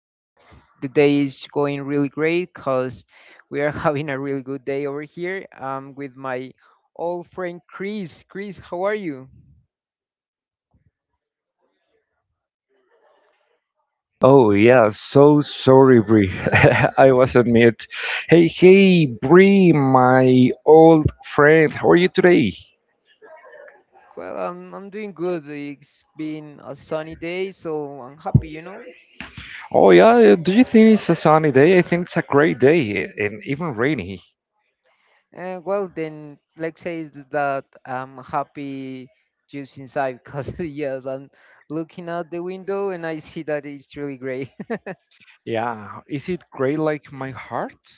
I hope the day is going really great because we are having a really good day over here. With my old friend Chris. Chris, how are you? Oh yeah, so sorry, Bree. I wasn't mute. Hey, Bree, my old friend. How are you today? Well, I'm doing good. It's been a sunny day, so I'm happy. Oh yeah, do you think it's a sunny day? I think it's a great day and even rainy. Well, then let's say is that I'm happy just inside because yes, I'm looking out the window and I see that it's really great. Yeah, is it gray like my heart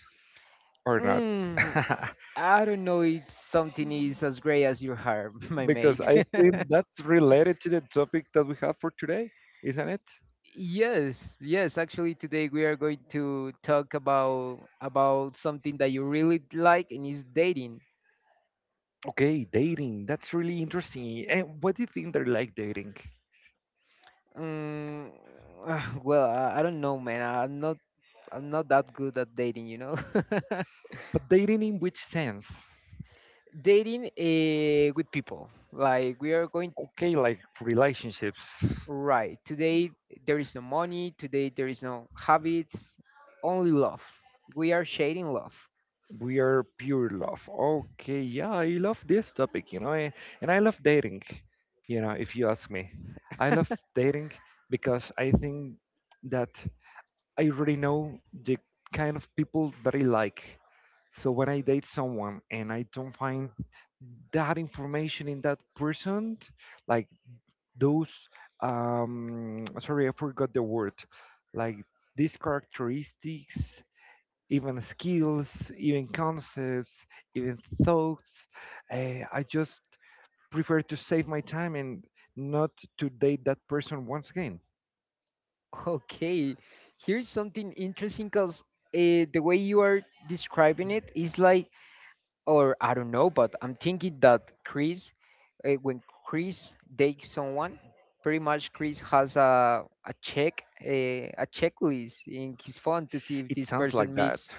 or not? Mm, I don't know if something is as great as your heart, my Because mate. I think that's related to the topic that we have for today, isn't it? Yes, yes. Actually, today we are going to talk about something that you really like, and is dating. Okay, dating. That's really interesting. And what do you think they like dating? Um, well, I don't know, man. I'm not. I'm not that good at dating. But dating in which sense? Dating with people, like we are going Okay, like relationships, right today. There is no money. Today there is no habits. Only love. We are shading love. we are pure love. Okay, yeah, I love this topic, you know, and I love dating, you know, if you ask me. I love dating because I think that I already know the kind of people that I like. So when I date someone and I don't find that information in that person, like those, sorry, I forgot the word, like these characteristics, even skills, even concepts, even thoughts. I just prefer to save my time and not to date that person once again. Okay, here's something interesting because the way you are describing it is like, or I don't know, but I'm thinking that Chris, when Chris dates someone, pretty much Chris has a checklist in his phone to see if It this sounds person like that. meets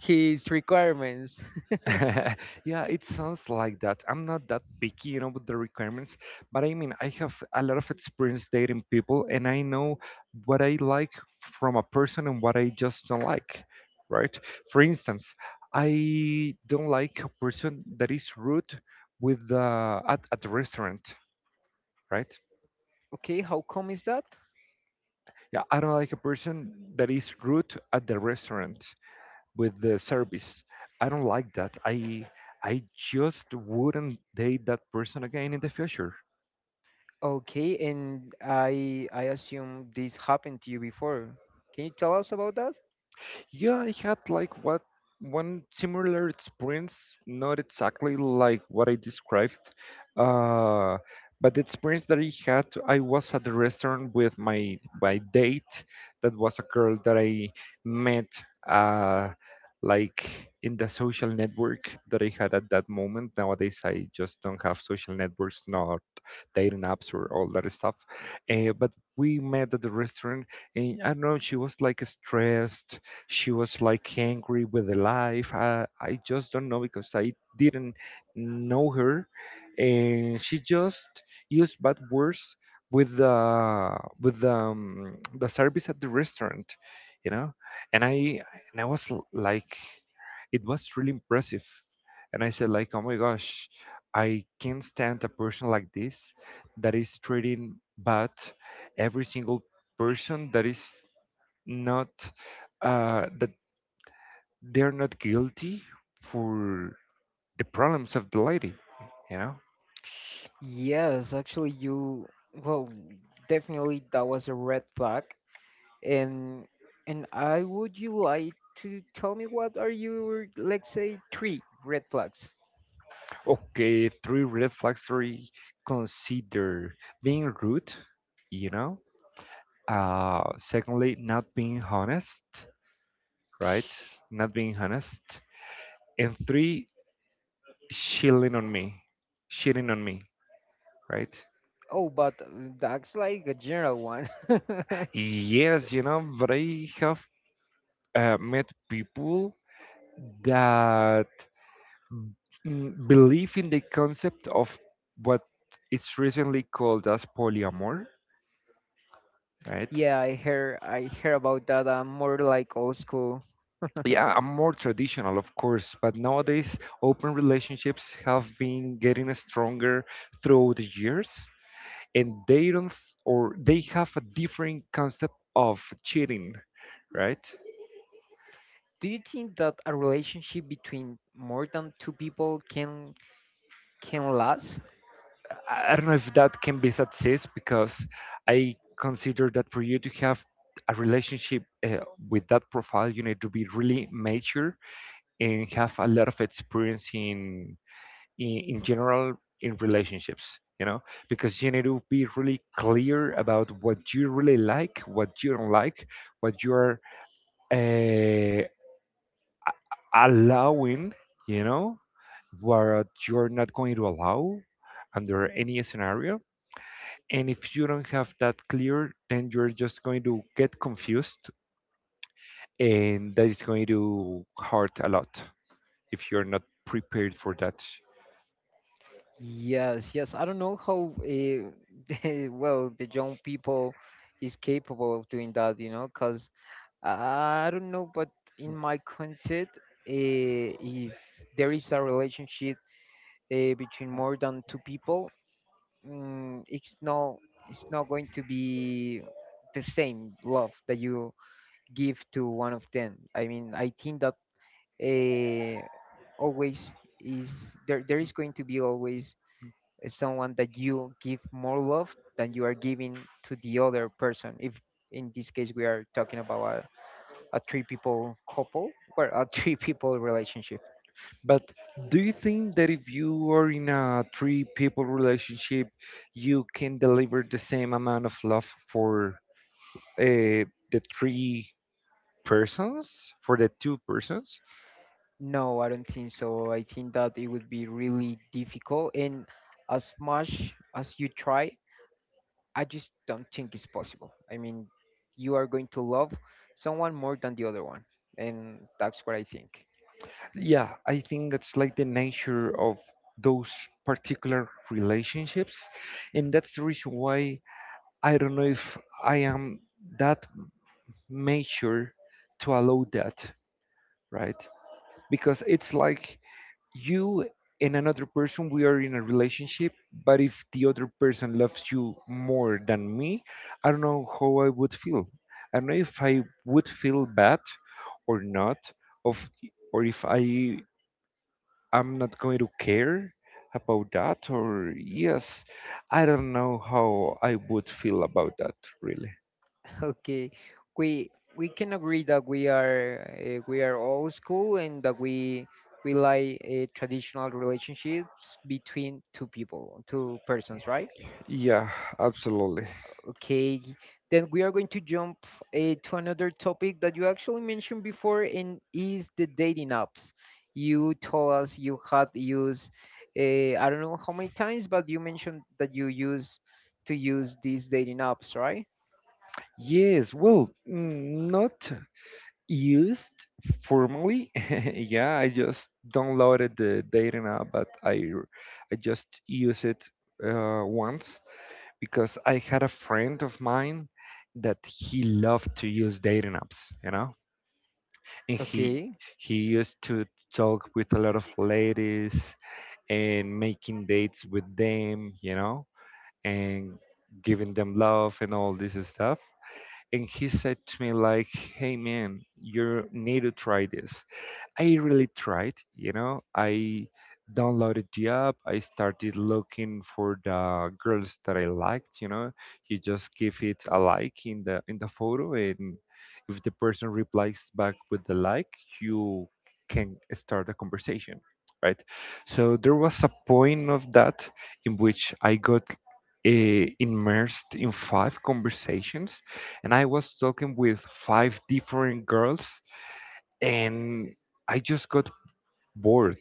his requirements. Yeah, it sounds like that. I'm not that picky, you know, with the requirements, but I mean, I have a lot of experience dating people and I know what I like from a person and what I just don't like, right? For instance, I don't like a person that is rude with the at the restaurant, right? Okay, how come is that? Yeah, I don't like a person that is rude at the restaurant, with the service. I don't like that. I just wouldn't date that person again in the future. Okay, and I assume this happened to you before. Can you tell us about that? Yeah, I had like what one similar experience, not exactly like what I described, uh, but the experience that I had, I was at the restaurant with my date. That was a girl that I met, uh, like in the social network that I had at that moment. Nowadays, I just don't have social networks, not dating apps or all that stuff. But we met at the restaurant and I don't know, she was like stressed. She was like angry with the life. I just don't know because I didn't know her, and she just used bad words with the with the the service at the restaurant, you know. And I and I was like, it was really impressive, and I said like, oh my gosh, I can't stand a person like this that is treating bad every single person that is not that they're not guilty for the problems of the lady, you know. Yes, actually, you well, definitely that was a red flag, and and I would you like to tell me what are your let's say three red flags? Okay, three red flags. Three, consider being rude, you know. Uh, secondly, not being honest, right? Not being honest. And three, shilling on me, shitting on me, right? Oh, but that's like a general one. Yes, you know, but I have met people that b- believe in the concept of what it's recently called as polyamor, right? Yeah, I hear about that. I'm more like old school. Yeah, I'm more traditional, of course, but nowadays open relationships have been getting stronger through the years, and they don't, or they have a different concept of cheating, right? Do you think that a relationship between more than two people can last? I don't know if that can be success because I consider that for you to have a relationship with that profile, you need to be really mature and have a lot of experience in in general in relationships. You know, because you need to be really clear about what you really like, what you don't like, what you are uh, allowing, you know, what you're not going to allow under any scenario. And if you don't have that clear, then you're just going to get confused, and that is going to hurt a lot if you're not prepared for that. Yes, yes. I don't know how well the young people is capable of doing that, you know, because I don't know, but in my concept, if there is a relationship between more than two people, mm, it's not it's not going to be the same love that you give to one of them. I mean, I think that uh, always is there is going to be always is someone that you give more love than you are giving to the other person. If in this case we are talking about a three people couple or a three people relationship. But do you think that if you are in a three people relationship, you can deliver the same amount of love for the three persons, for the two persons? No, I don't think so. I think that it would be really difficult and as much as you try, I just don't think it's possible. I mean, you are going to love someone more than the other one. And that's what I think. Yeah, I think that's like the nature of those particular relationships, and that's the reason why I don't know if I am that mature to allow that, right? Because it's like you and another person, we are in a relationship, but if the other person loves you more than me, I don't know how I would feel. I don't know if I would feel bad or not, of or if I i'm not going to care about that, or yes, I don't know how I would feel about that, really. Okay, we can agree that we are old school and that we like traditional relationships between two people, two persons, right? Yeah, absolutely. Okay, then we are going to jump to another topic that you actually mentioned before, and is the dating apps. You told us you had used I don't know how many times, but you mentioned that you use to use these dating apps, right? Yes, well, not used formally. Yeah, I just downloaded the dating app, but I just use it once because I had a friend of mine that he loved to use dating apps, you know, and Okay, he used to talk with a lot of ladies and making dates with them, you know, and giving them love and all this stuff, and he said to me like, hey man, you need to try this. I really tried, you know. I downloaded the app. I started looking for the girls that I liked, you know. You just give it a like in the photo, and if the person replies back with the like, you can start a conversation, right? So there was a point of that in which I got immersed in five conversations, and I was talking with five different girls, and I just got bored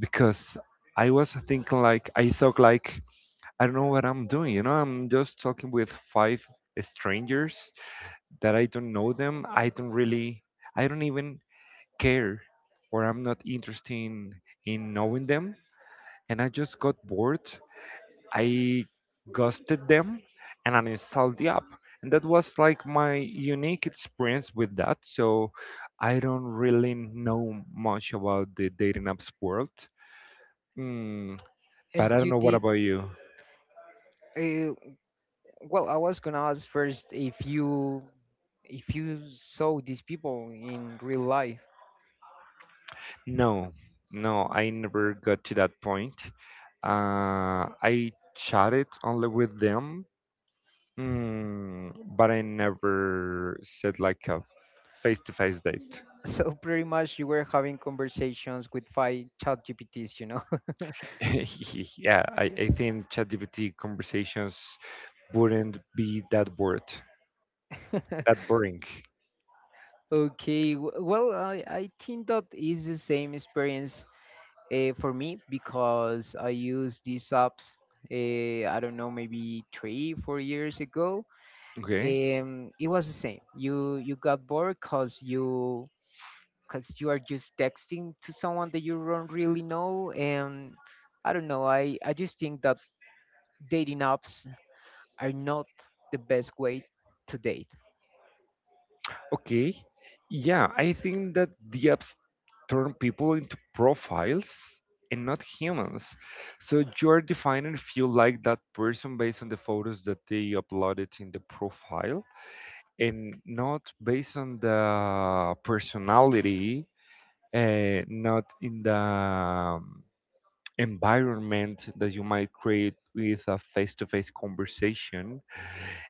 because I thought like, I don't know what I'm doing, you know, I'm just talking with five strangers that I don't know them. I don't really, I don't even care or I'm not interested in knowing them, and I just got bored. I ghosted them and uninstalled the app. And that was like my unique experience with that. So I don't really know much about the dating apps world. Mm, and but I don't you know what did. about you. Uh, Well, I was gonna ask first if you saw these people in real life. No, no, I never got to that point. I chatted only with them, but I never said like a face to face date. So pretty much you were having conversations with five chat GPTs. Yeah, I think ChatGPT conversations wouldn't be that bored, that boring. Okay, well, I think that is the same experience for me because I used these apps. I don't know, maybe three, 4 years ago. Okay. It was the same. You got bored because you are just texting to someone that you don't really know. And I don't know, I just think that dating apps are not the best way to date. Okay. Yeah, I think that the apps turn people into profiles and not humans. So you're defined and feel like that person based on the photos that they uploaded in the profile and not based on the personality, not in the environment that you might create with a face-to-face conversation,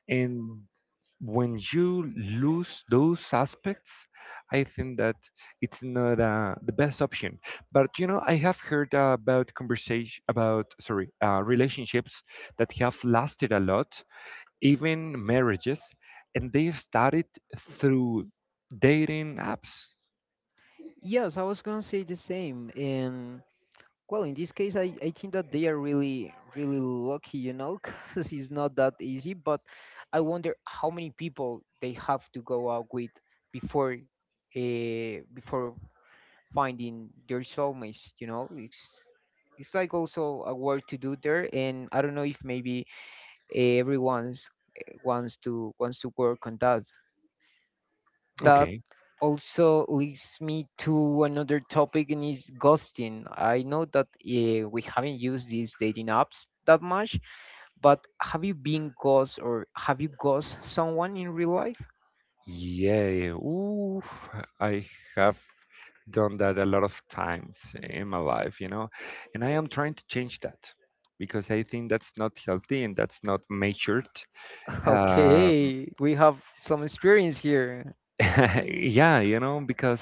and when you lose those aspects, I think that it's not the best option. But you know, I have heard about conversation about sorry relationships that have lasted a lot, even marriages, and they've started through dating apps. Yes, I was gonna say the same. And well, in this case, I think that they are really, really lucky, because it's not that easy. But I wonder how many people they have to go out with before, before finding their soulmates, it's like also a work to do there, and I don't know if maybe everyone's wants to work on that. That Okay. also leads me to another topic and is ghosting. I know that we haven't used these dating apps that much, but have you been ghost or have you ghost someone in real life? Yeah, ooh, I have done that a lot of times in my life, you know, and I am trying to change that because I think that's not healthy and that's not matured. Uh, Okay, we have some experience here. yeah, you know, because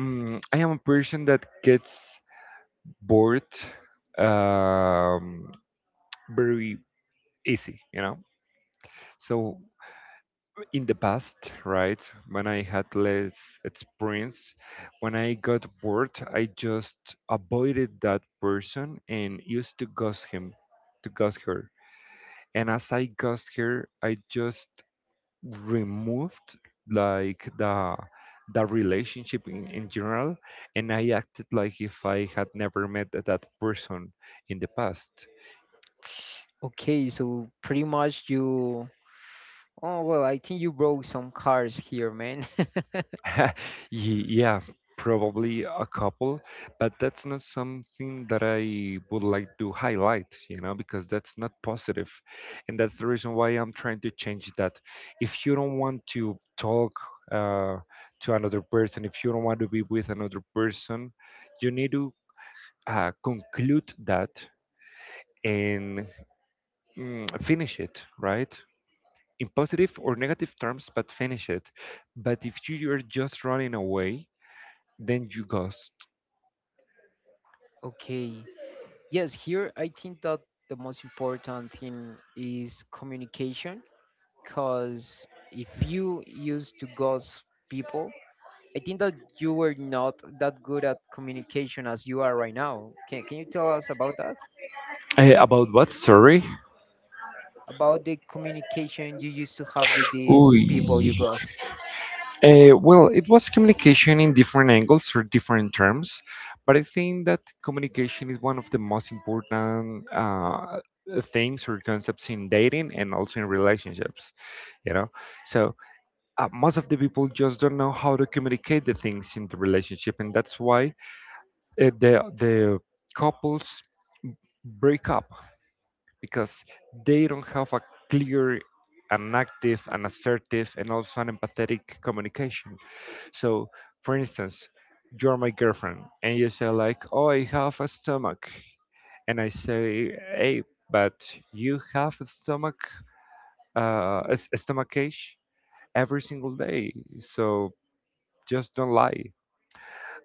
I am a person that gets bored um, very easy, you know. So in the past, right, when I had less experience, when I got bored, I just avoided that person and used to ghost him, to ghost her. And as I ghost her, I just removed like the relationship in general, and I acted like if I had never met that person in the past. Okay, so pretty much you. Oh, well, I think you broke some cars here, man. Yeah, probably a couple, but that's not something that I would like to highlight, you know, because that's not positive. And that's the reason why I'm trying to change that. If you don't want to talk uh, to another person, if you don't want to be with another person, you need to conclude that and finish it, right? In positive or negative terms, but finish it. But if you are just running away, then you ghost. Okay. Yes, here I think that the most important thing is communication because if you used to ghost people, I think that you were not that good at communication as you are right now. Can you tell us about that? About what? Sorry. About the communication you used to have with these Ooh. people you ghost? Well, it was communication in different angles or different terms, but I think that communication is one of the most important things or concepts in dating and also in relationships. You know, so most of the people just don't know how to communicate the things in the relationship, and that's why the the couples break up because they don't have a clear and active and assertive and also an empathetic communication. So, for instance, you're my girlfriend and you say like, "Oh, I have a stomach," and I say, "Hey, but you have a stomach, a stomach ache every single day, so just don't lie."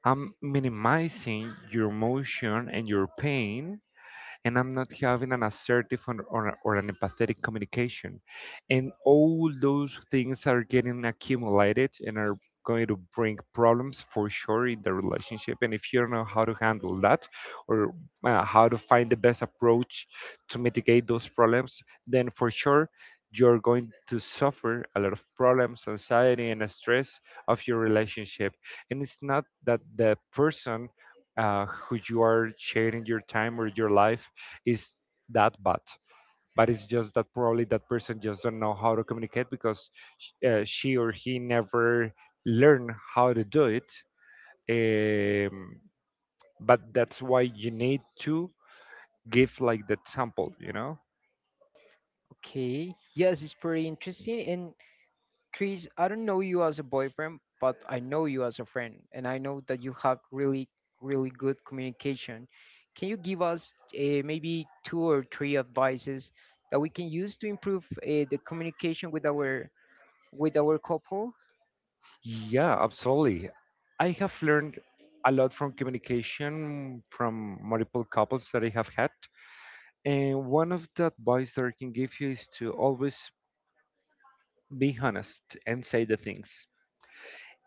I'm minimizing your emotion and your pain, and I'm not having an assertive or an empathetic communication. And all those things are getting accumulated and are going to bring problems for sure in the relationship. And if you don't know how to handle that or how to find the best approach to mitigate those problems, then for sure you're going to suffer a lot of problems, anxiety, and stress of your relationship. And it's not that the person who you are sharing your time or your life is that bad, but it's just that probably that person just don't know how to communicate because she or he never learned how to do it um, but that's why you need to give like the sample. Okay. Yes, it's pretty interesting. And, Chris, I don't know you as a boyfriend, but I know you as a friend, and I know that you have really, really good communication. Can you give us maybe two or three advices that we can use to improve the communication with our couple? Yeah, absolutely. I have learned a lot from communication from multiple couples that I have had, and one of the advice that I can give you is to always be honest and say the things.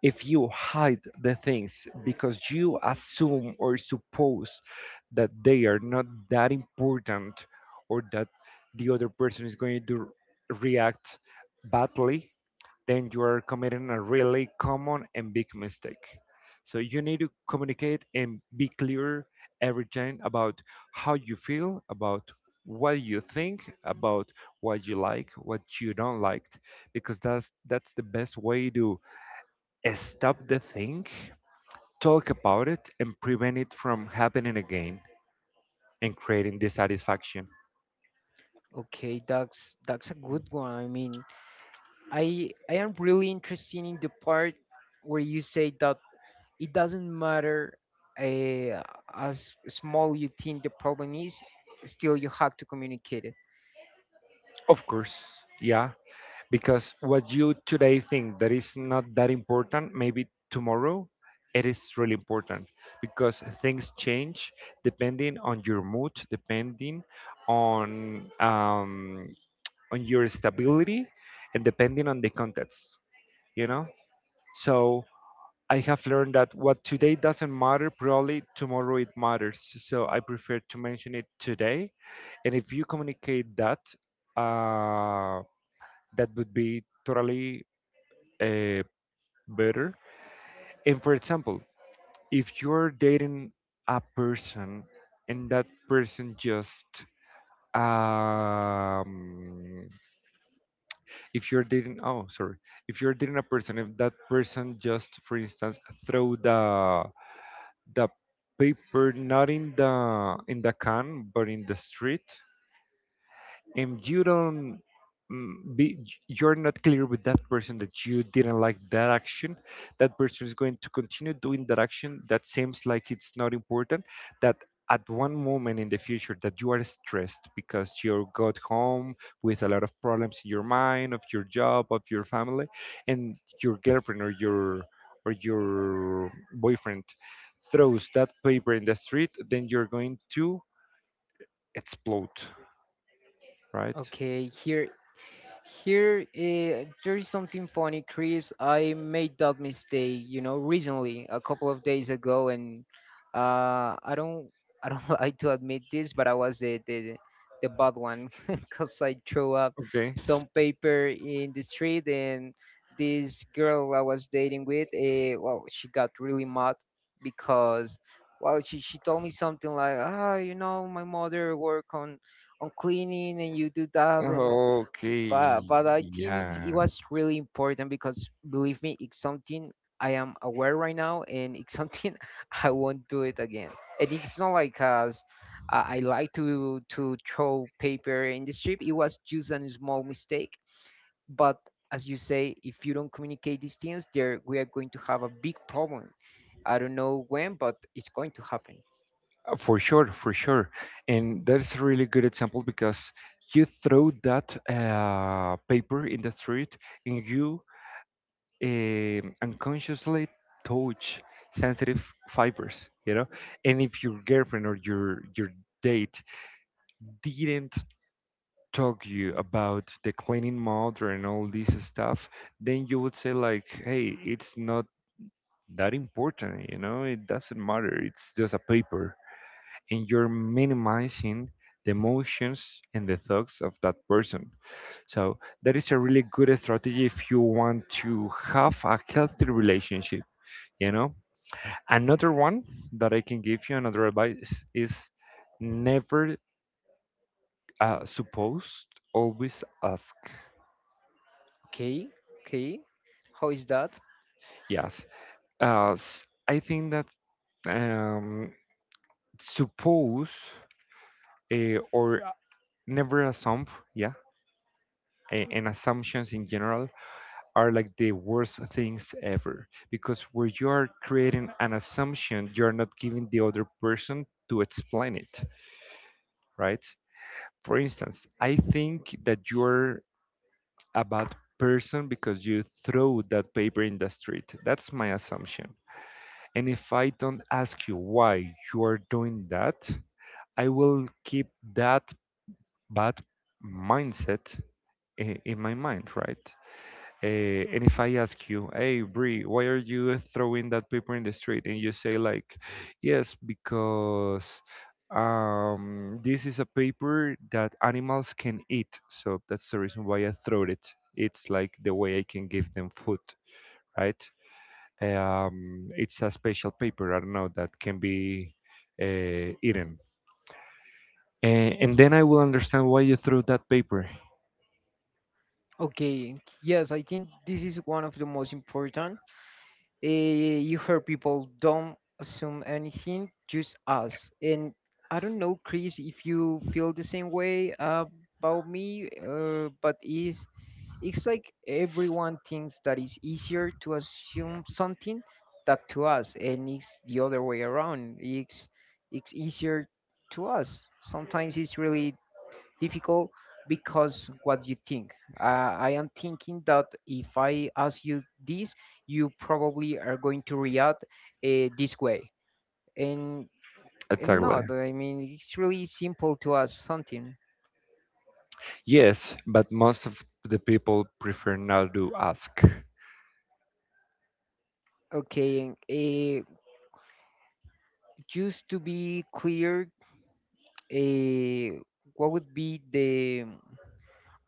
If you hide the things because you assume or suppose that they are not that important, or that the other person is going to react badly, then you are committing a really common and big mistake. So you need to communicate and be clear every time about how you feel, about what you think, about what you like, what you don't like, because that's the best way to stop the thing, talk about it, and prevent it from happening again and creating dissatisfaction. Okay, that's a good one. I mean, I am really interested in the part where you say that it doesn't matter uh, as small you think the problem is, still you have to communicate it. Of course, yeah, because what you today think that is not that important, maybe tomorrow it is really important because things change depending on your mood, depending on um, on your stability, and depending on the context. You know, so I have learned that what today doesn't matter, probably tomorrow it matters. So I prefer to mention it today. And if you communicate that, uh, that would be totally uh, better. And for example, if you're dating a person and that person just um if you're dating oh sorry if you're dating a person, if that person just, for instance, throw the paper, not in the can but in the street, and you don't mm, be you're not clear with that person that you didn't like that action, that person is going to continue doing that action that seems like it's not important. That at one moment in the future, that you are stressed because you got home with a lot of problems in your mind, of your job, of your family, and your girlfriend or your boyfriend throws that paper in the street, then you're going to explode, right? Okay, here, there is something funny, Chris. I made that mistake, you know, recently, a couple of days ago, and uh, I don't, I don't like to admit this, but I was the bad one because I threw up Okay. some paper in the street, and this girl I was dating with, well, she got really mad because, well, she told me something like, ah, you know, my mother work on cleaning and you do that and Okay. But I think it, it Yeah. was really important because believe me, it's something I am aware right now, and it's something I won't do it again. And it's not like as I like to throw paper in the street. It was just a small mistake, but as you say, if you don't communicate these things there, we are going to have a big problem. I don't know when, but it's going to happen. For sure, for sure. And that's a really good example because you throw that paper in the street, and you unconsciously touch sensitive fibers, you know? And if your girlfriend or your date didn't talk you about the cleaning mode and all this stuff, then you would say like, hey, it's not that important, it doesn't matter, it's just a paper. And you're minimizing the emotions and the thoughts of that person. So that is a really good strategy if you want to have a healthy relationship, you know. Another one that I can give you, another advice is never supposed, always ask. Okay, okay, how is that? Yes, as I think that um, suppose or never assume, yeah, and assumptions in general are like the worst things ever, because where you are creating an assumption, you are not giving the other person to explain it, right? For instance, I think that you're a bad person because you throw that paper in the street. That's my assumption. And if I don't ask you why you are doing that, I will keep that bad mindset in my mind, right? Uh, and if I ask you, hey, Brie, why are you throwing that paper in the street? And you say, like, yes, because this is a paper that animals can eat. So that's the reason why I throw it. It's like the way I can give them food, right? It's a special paper, I don't know, that can be eaten. And then I will understand why you threw that paper. Okay, yes, I think this is one of the most important. You heard people don't assume anything, just ask. And I don't know, Chris, if you feel the same way about me, but is it's like everyone thinks that it's easier to assume something than to us, and it's the other way around. It's easier to us. Sometimes it's really difficult because what you think. I am thinking that if I ask you this, you probably are going to react this way. And, and not, I mean, it's really simple to ask something. Yes, but most of the people prefer not to ask. Okay, just to be clear, uh, what would be the,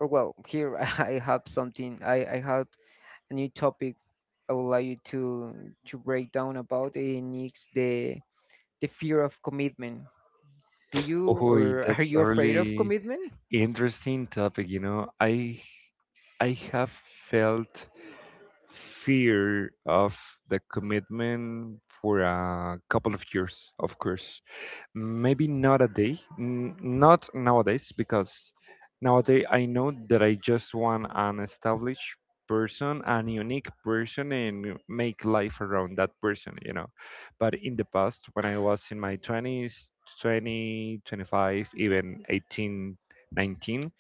or well, here I have something, I have a new topic I would like you to break down about, and it's the fear of commitment. Do you Oh, or are that's you a afraid of really commitment? interesting topic. I have felt fear of the commitment for a couple of years, of course. Maybe not a day, not nowadays, because nowadays I know that I just want an established person, an unique person, and make life around that person. But in the past, when I was in my 20s, 20, 25, even 18, 19,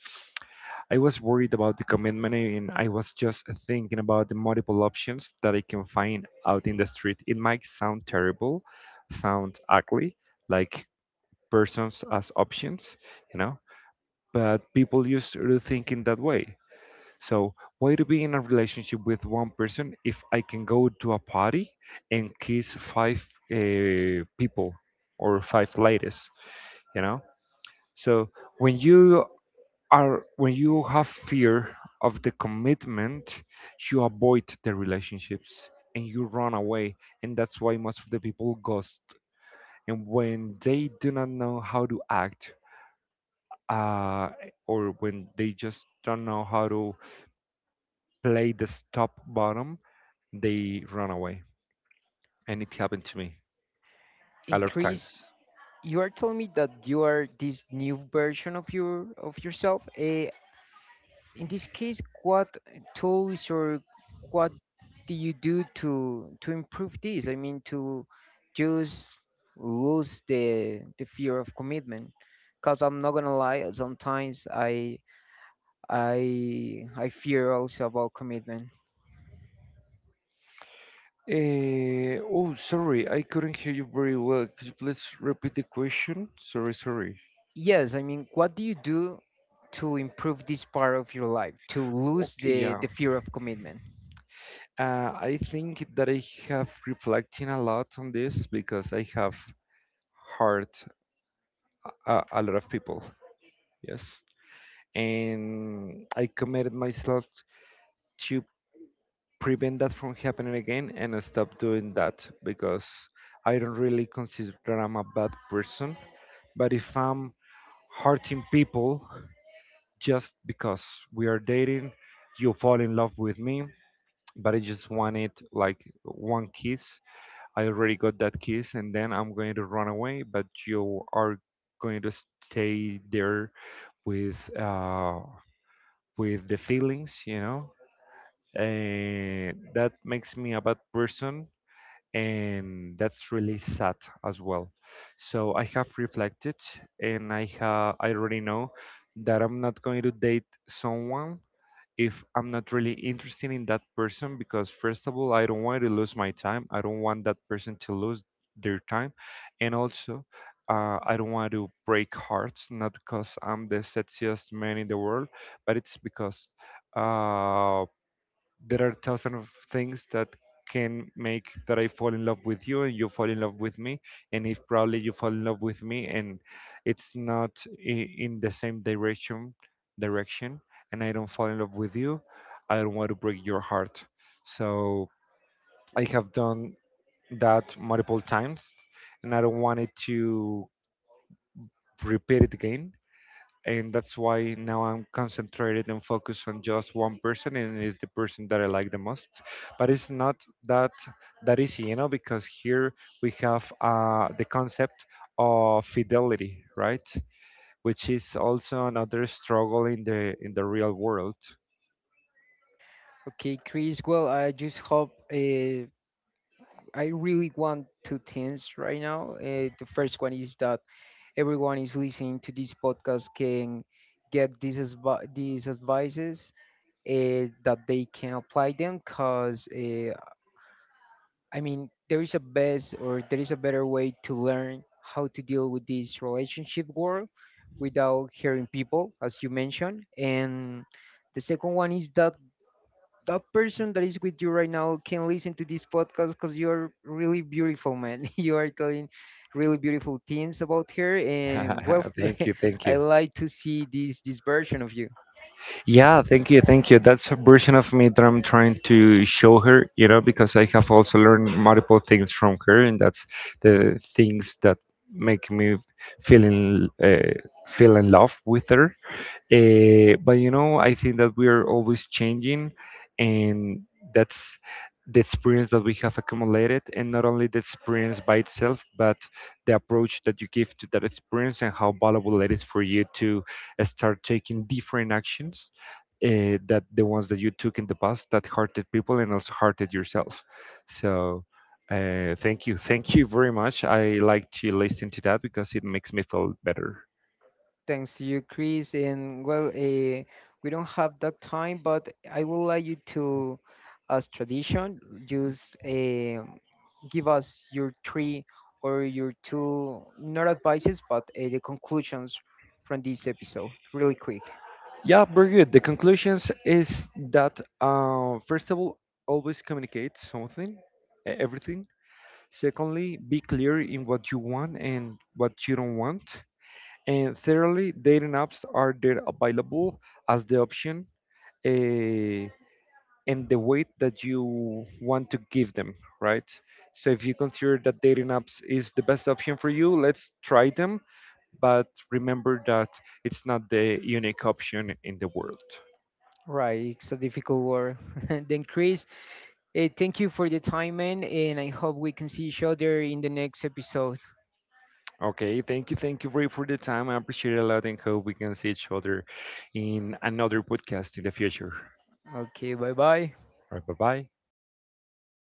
I was worried about the commitment, and I was just thinking about the multiple options that I can find out in the street. It might sound terrible, sound ugly, like persons as options, you know, but people used to think in that way. So why to be in a relationship with one person if I can go to a party and kiss five people or five ladies, you know? So when you are when you have fear of the commitment, you avoid the relationships and you run away, and that's why most of the people ghost. And when they do not know how to act uh, or when they just don't know how to play the stop bottom, they run away. And it happened to me a lot of times. Increase. You are telling me that you are this new version of yourself. In this case, what tools or what do you do to improve this? I mean, to just lose the fear of commitment. Because I'm not gonna lie, sometimes I fear also about commitment. Oh, sorry, I couldn't hear you very well. Could you please repeat the question? Sorry, sorry. Yes, I mean, what do you do to improve this part of your life, to lose Okay, the, yeah. the fear of commitment? I think that I have reflecting a lot on this because I have hurt a lot of people. Yes. And I committed myself to prevent that from happening again and stop doing that, because I don't really consider that I'm a bad person. But if I'm hurting people just because we are dating, you fall in love with me, but I just wanted like one kiss. I already got that kiss, and then I'm going to run away, but you are going to stay there with uh, with the feelings. And that makes me a bad person, and that's really sad as well. So I have reflected, and I already know that I'm not going to date someone if I'm not really interested in that person, because first of all, I don't want to lose my time. I don't want that person to lose their time, and also, I don't want to break hearts, not because I'm the sexiest man in the world, but it's because uh, there are thousand of things that can make that I fall in love with you and you fall in love with me. And if probably you fall in love with me and it's not in the same direction, and I don't fall in love with you, I don't want to break your heart. So I have done that multiple times, and I don't want it to repeat it again. And that's why now I'm concentrated and focused on just one person, and it's the person that I like the most. But it's not that that easy, because here we have the concept of fidelity, right? Which is also another struggle in the real world. Okay, Chris, well, I just hope I really want two things right now. The first one is that everyone is listening to this podcast can get these advices that they can apply them because I mean, there is a best or there is a better way to learn how to deal with this relationship world without hearing people, as you mentioned. And the second one is that that person that is with you right now can listen to this podcast because you're really beautiful, man. You are telling really beautiful things about her, and well, Thank you, thank I you. like to see this version of you. Yeah, thank you, thank you. That's a version of me that I'm trying to show her, because I have also learned multiple things from her, and that's the things that make me feel in uh, feel in love with her. But I think that we are always changing, and that's the experience that we have accumulated, and not only the experience by itself, but the approach that you give to that experience and how valuable it is for you to start taking different actions that the ones that you took in the past that hurted people and also hurted yourself. So thank you very much. I like to listen to that because it makes me feel better. Thanks to you, Chris. And well, we don't have that time, but I would like you to, as tradition, just give us your three or your two, not advices, but the conclusions from this episode, really quick. Yeah, very good. The conclusions is that first of all, always communicate something, everything. Secondly, be clear in what you want and what you don't want. And thirdly, dating apps are there available as the option. Uh, and the weight that you want to give them, right? So if you consider that dating apps is the best option for you, let's try them, but remember that it's not the unique option in the world. Right, it's a difficult word. Then, Chris, thank you for the time, man, and I hope we can see each other in the next episode. Okay, thank you, Ray, for the time. I appreciate it a lot, and hope we can see each other in another podcast in the future. Okay, bye bye. All right, bye bye.